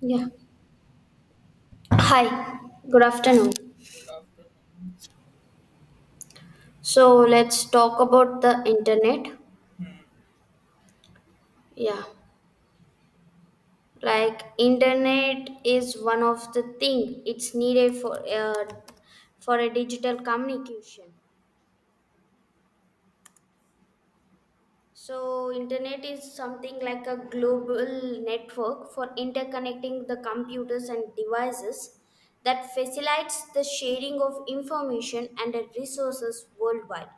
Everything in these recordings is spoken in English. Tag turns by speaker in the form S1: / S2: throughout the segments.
S1: Yeah. Hi, good afternoon.
S2: Good afternoon.
S1: So let's talk about the internet. Yeah. Like internet is one of the thing it's needed for a digital communication. So internet is something like a global network for interconnecting the computers and devices that facilitates the sharing of information and resources worldwide.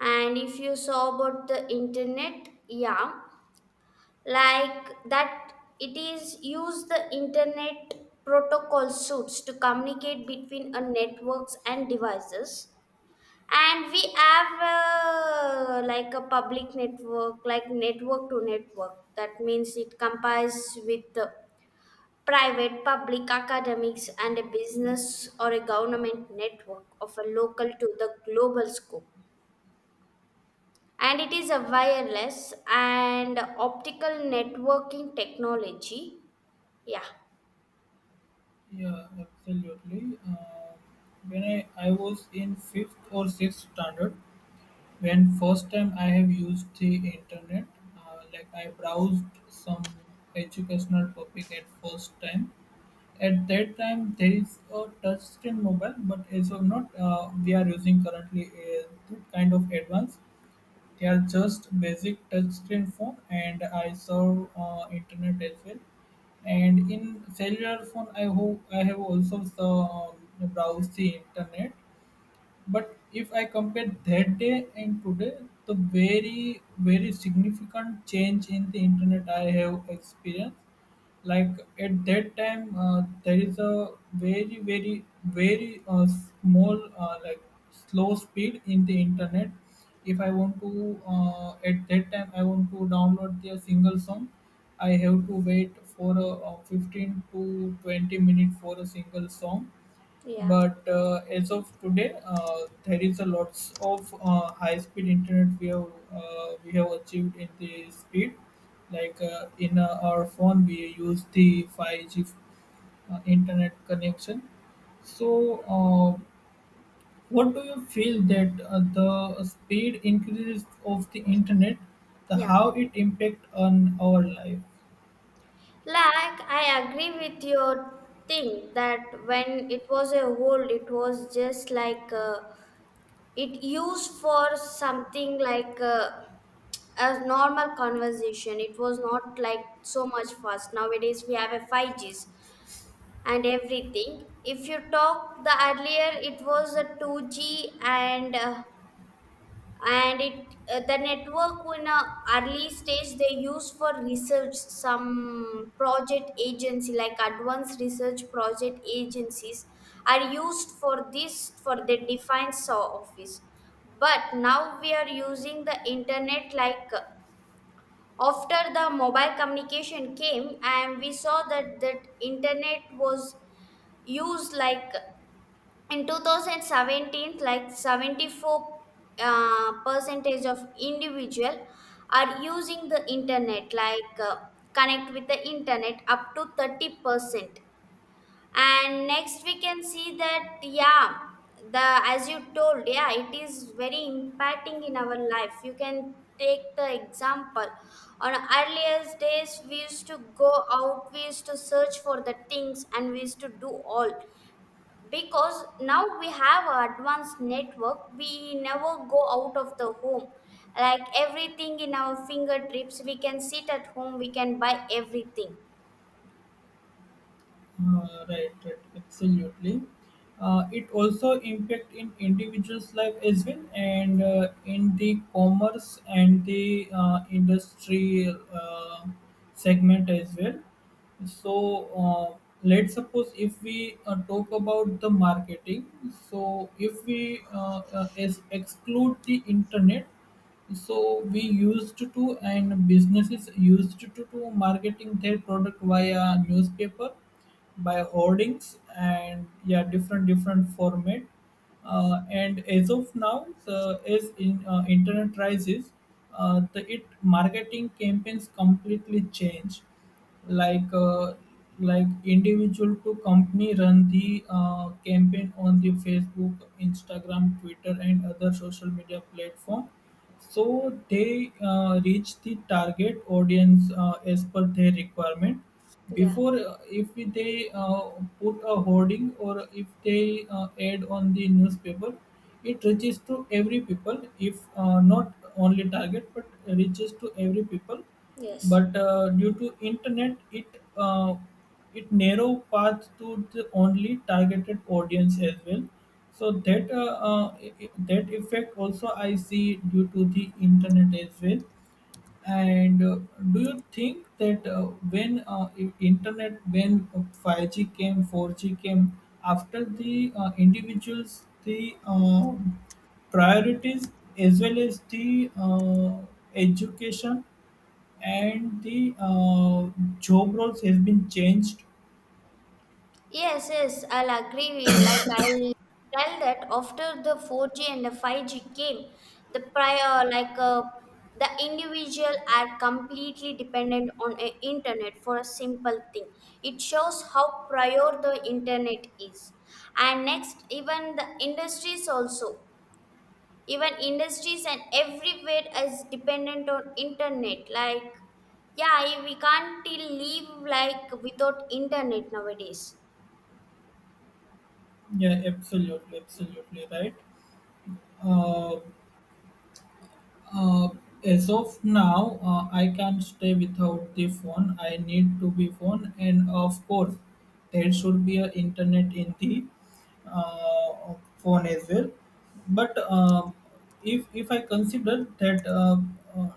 S1: And if you saw about the internet, yeah, like that it is use the internet protocol suits to communicate between a networks and devices, and we have like a public network like network to network. That means it compares with the private public academics and a business or a government network of a local to the global scope, and it is a wireless and optical networking technology. Yeah,
S2: Yeah, absolutely. When I was in fifth or sixth standard, when first time I have used the internet, like I browsed some educational topic at first time. At that time, there is a touchscreen mobile, but as of not, we are using currently a good kind of advanced. They are just basic touchscreen phone, and I serve internet as well. And in cellular phone, I hope I have also browsed the internet, but if I compare that day and today, the very, very significant change in the internet I have experienced, like at that time, there is a very, very, very small, like slow speed in the internet. If I want to, at that time, I want to download the single song, I have to wait for 15 to 20 minutes for a single song,
S1: yeah,
S2: but as of today, there is a lots of high-speed internet we have achieved in the speed. Like in our phone, we use the 5G internet connection. So, what do you feel that the speed increase of the internet, the
S1: yeah.
S2: how it impact on our life?
S1: Like, I agree with your thing that when it was a hold, it was just like it used for something like a normal conversation. It was not like so much fast. Nowadays, we have a 5Gs and everything. If you talk the earlier, it was a 2G and and it, the network in a early stage they use for research some project agency like advanced research project agencies are used for this for the defined saw office. But now we are using the internet like after the mobile communication came, and we saw that internet was used like in 2017 like 74 percentage of individual are using the internet, like connect with the internet up to 30%. And next we can see that, yeah, the, as you told, yeah, it is very impacting in our life. You can take the example on earlier days we used to go out, we used to search for the things and we used to do all, because now we have a advanced network, we never go out of the home. Like everything in our fingertips, we can sit at home, we can buy everything.
S2: Right, right, absolutely. It also impact in individuals' life as well, and in the commerce and the industry segment as well. So uh, let's suppose if we talk about the marketing. So if we exclude the internet, so we used to and businesses used to marketing their product via newspaper, by hoardings and yeah different different format. And as of now the as in internet rises, the it marketing campaigns completely change, like, like individual to company run the campaign on the Facebook, Instagram, Twitter and other social media platform. So they reach the target audience as per their requirement.
S1: Yeah,
S2: Before if they put a hoarding or if they add on the newspaper, it reaches to every people if not only target but reaches to every people.
S1: yes.
S2: But due to internet, it it narrow path to the only targeted audience as well. So that that effect also I see due to the internet as well. And do you think that when internet, when 5G came, 4G came, after the individuals, the priorities as well as the education and the job roles have been changed?
S1: Yes, yes, I'll agree. Like I'll tell that after the 4G and the 5G came, the prior like the individual are completely dependent on a internet for a simple thing. It shows how prior the internet is. And next, even the industries also, even industries and everywhere is dependent on internet. Like yeah, we can't till live like without internet nowadays.
S2: Yeah, absolutely, absolutely right. Uh, uh, as of now, I can't stay without the phone. I need to be phone, and of course, there should be a internet in the phone as well. But if I consider that uh,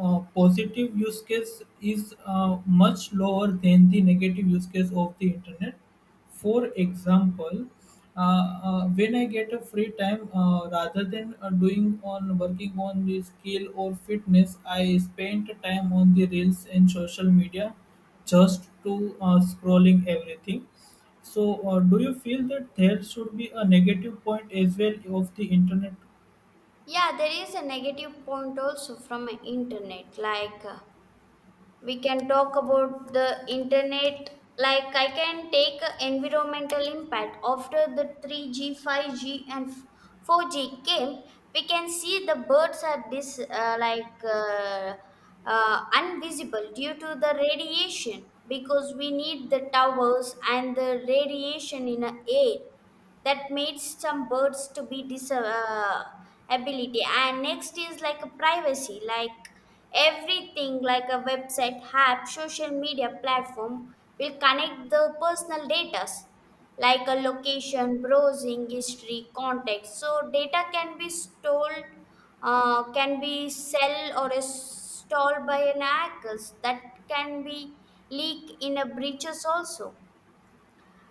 S2: positive use case is much lower than the negative use case of the internet. For example, when I get a free time, rather than doing on working on the skill or fitness, I spend time on the reels and social media just to scrolling everything. So, do you feel that there should be a negative point as well of the internet?
S1: Yeah, there is a negative point also from a internet. Like we can talk about the internet. Like I can take a environmental impact after the 3G, 5G, and 4G came. We can see the birds are this invisible due to the radiation, because we need the towers and the radiation in the air that made some birds to be disability. And next is like a privacy, like everything like a website, app, social media platform will connect the personal data like a location, browsing history, context, so data can be stolen, can be sell or is stored by an hackers that can be leak in a breaches also.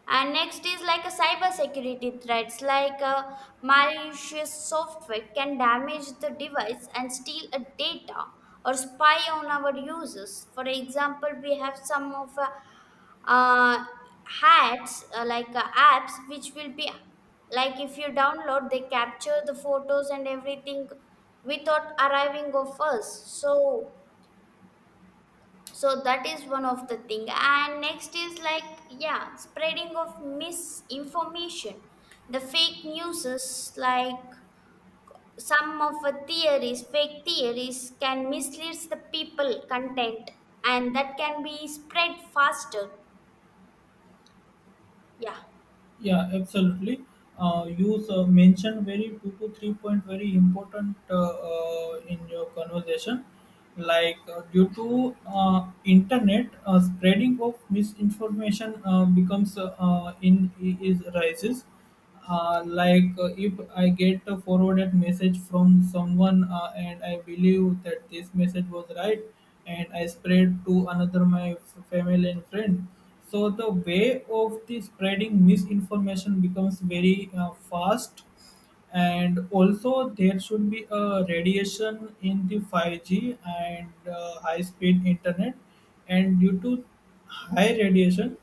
S1: And next is like a cybersecurity threats, like malicious software can damage the device and steal a data or spy on our users. For example, we have some of uh, hats apps which will be like if you download, they capture the photos and everything without arriving of us. So so that is one of the thing. And next is like, yeah, spreading of misinformation, the fake news, is like some of the theories, fake theories can mislead the people content, and that can be spread faster. Yeah,
S2: Yeah, absolutely. You mentioned very two to three point very important in your conversation, like due to internet spreading of misinformation becomes in is rises. Like, if I get a forwarded message from someone and I believe that this message was right and I spread to another my family and friend. So the way of the spreading misinformation becomes very fast, and also there should be a radiation in the 5G and high speed internet, and due to high radiation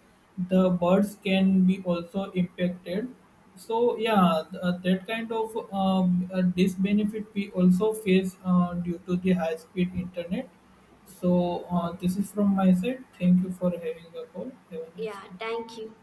S2: the birds can be also impacted. So yeah, that kind of disbenefit we also face due to the high speed internet. So this is from my side. Thank you for having a call, have a nice
S1: yeah,
S2: day.
S1: thank you.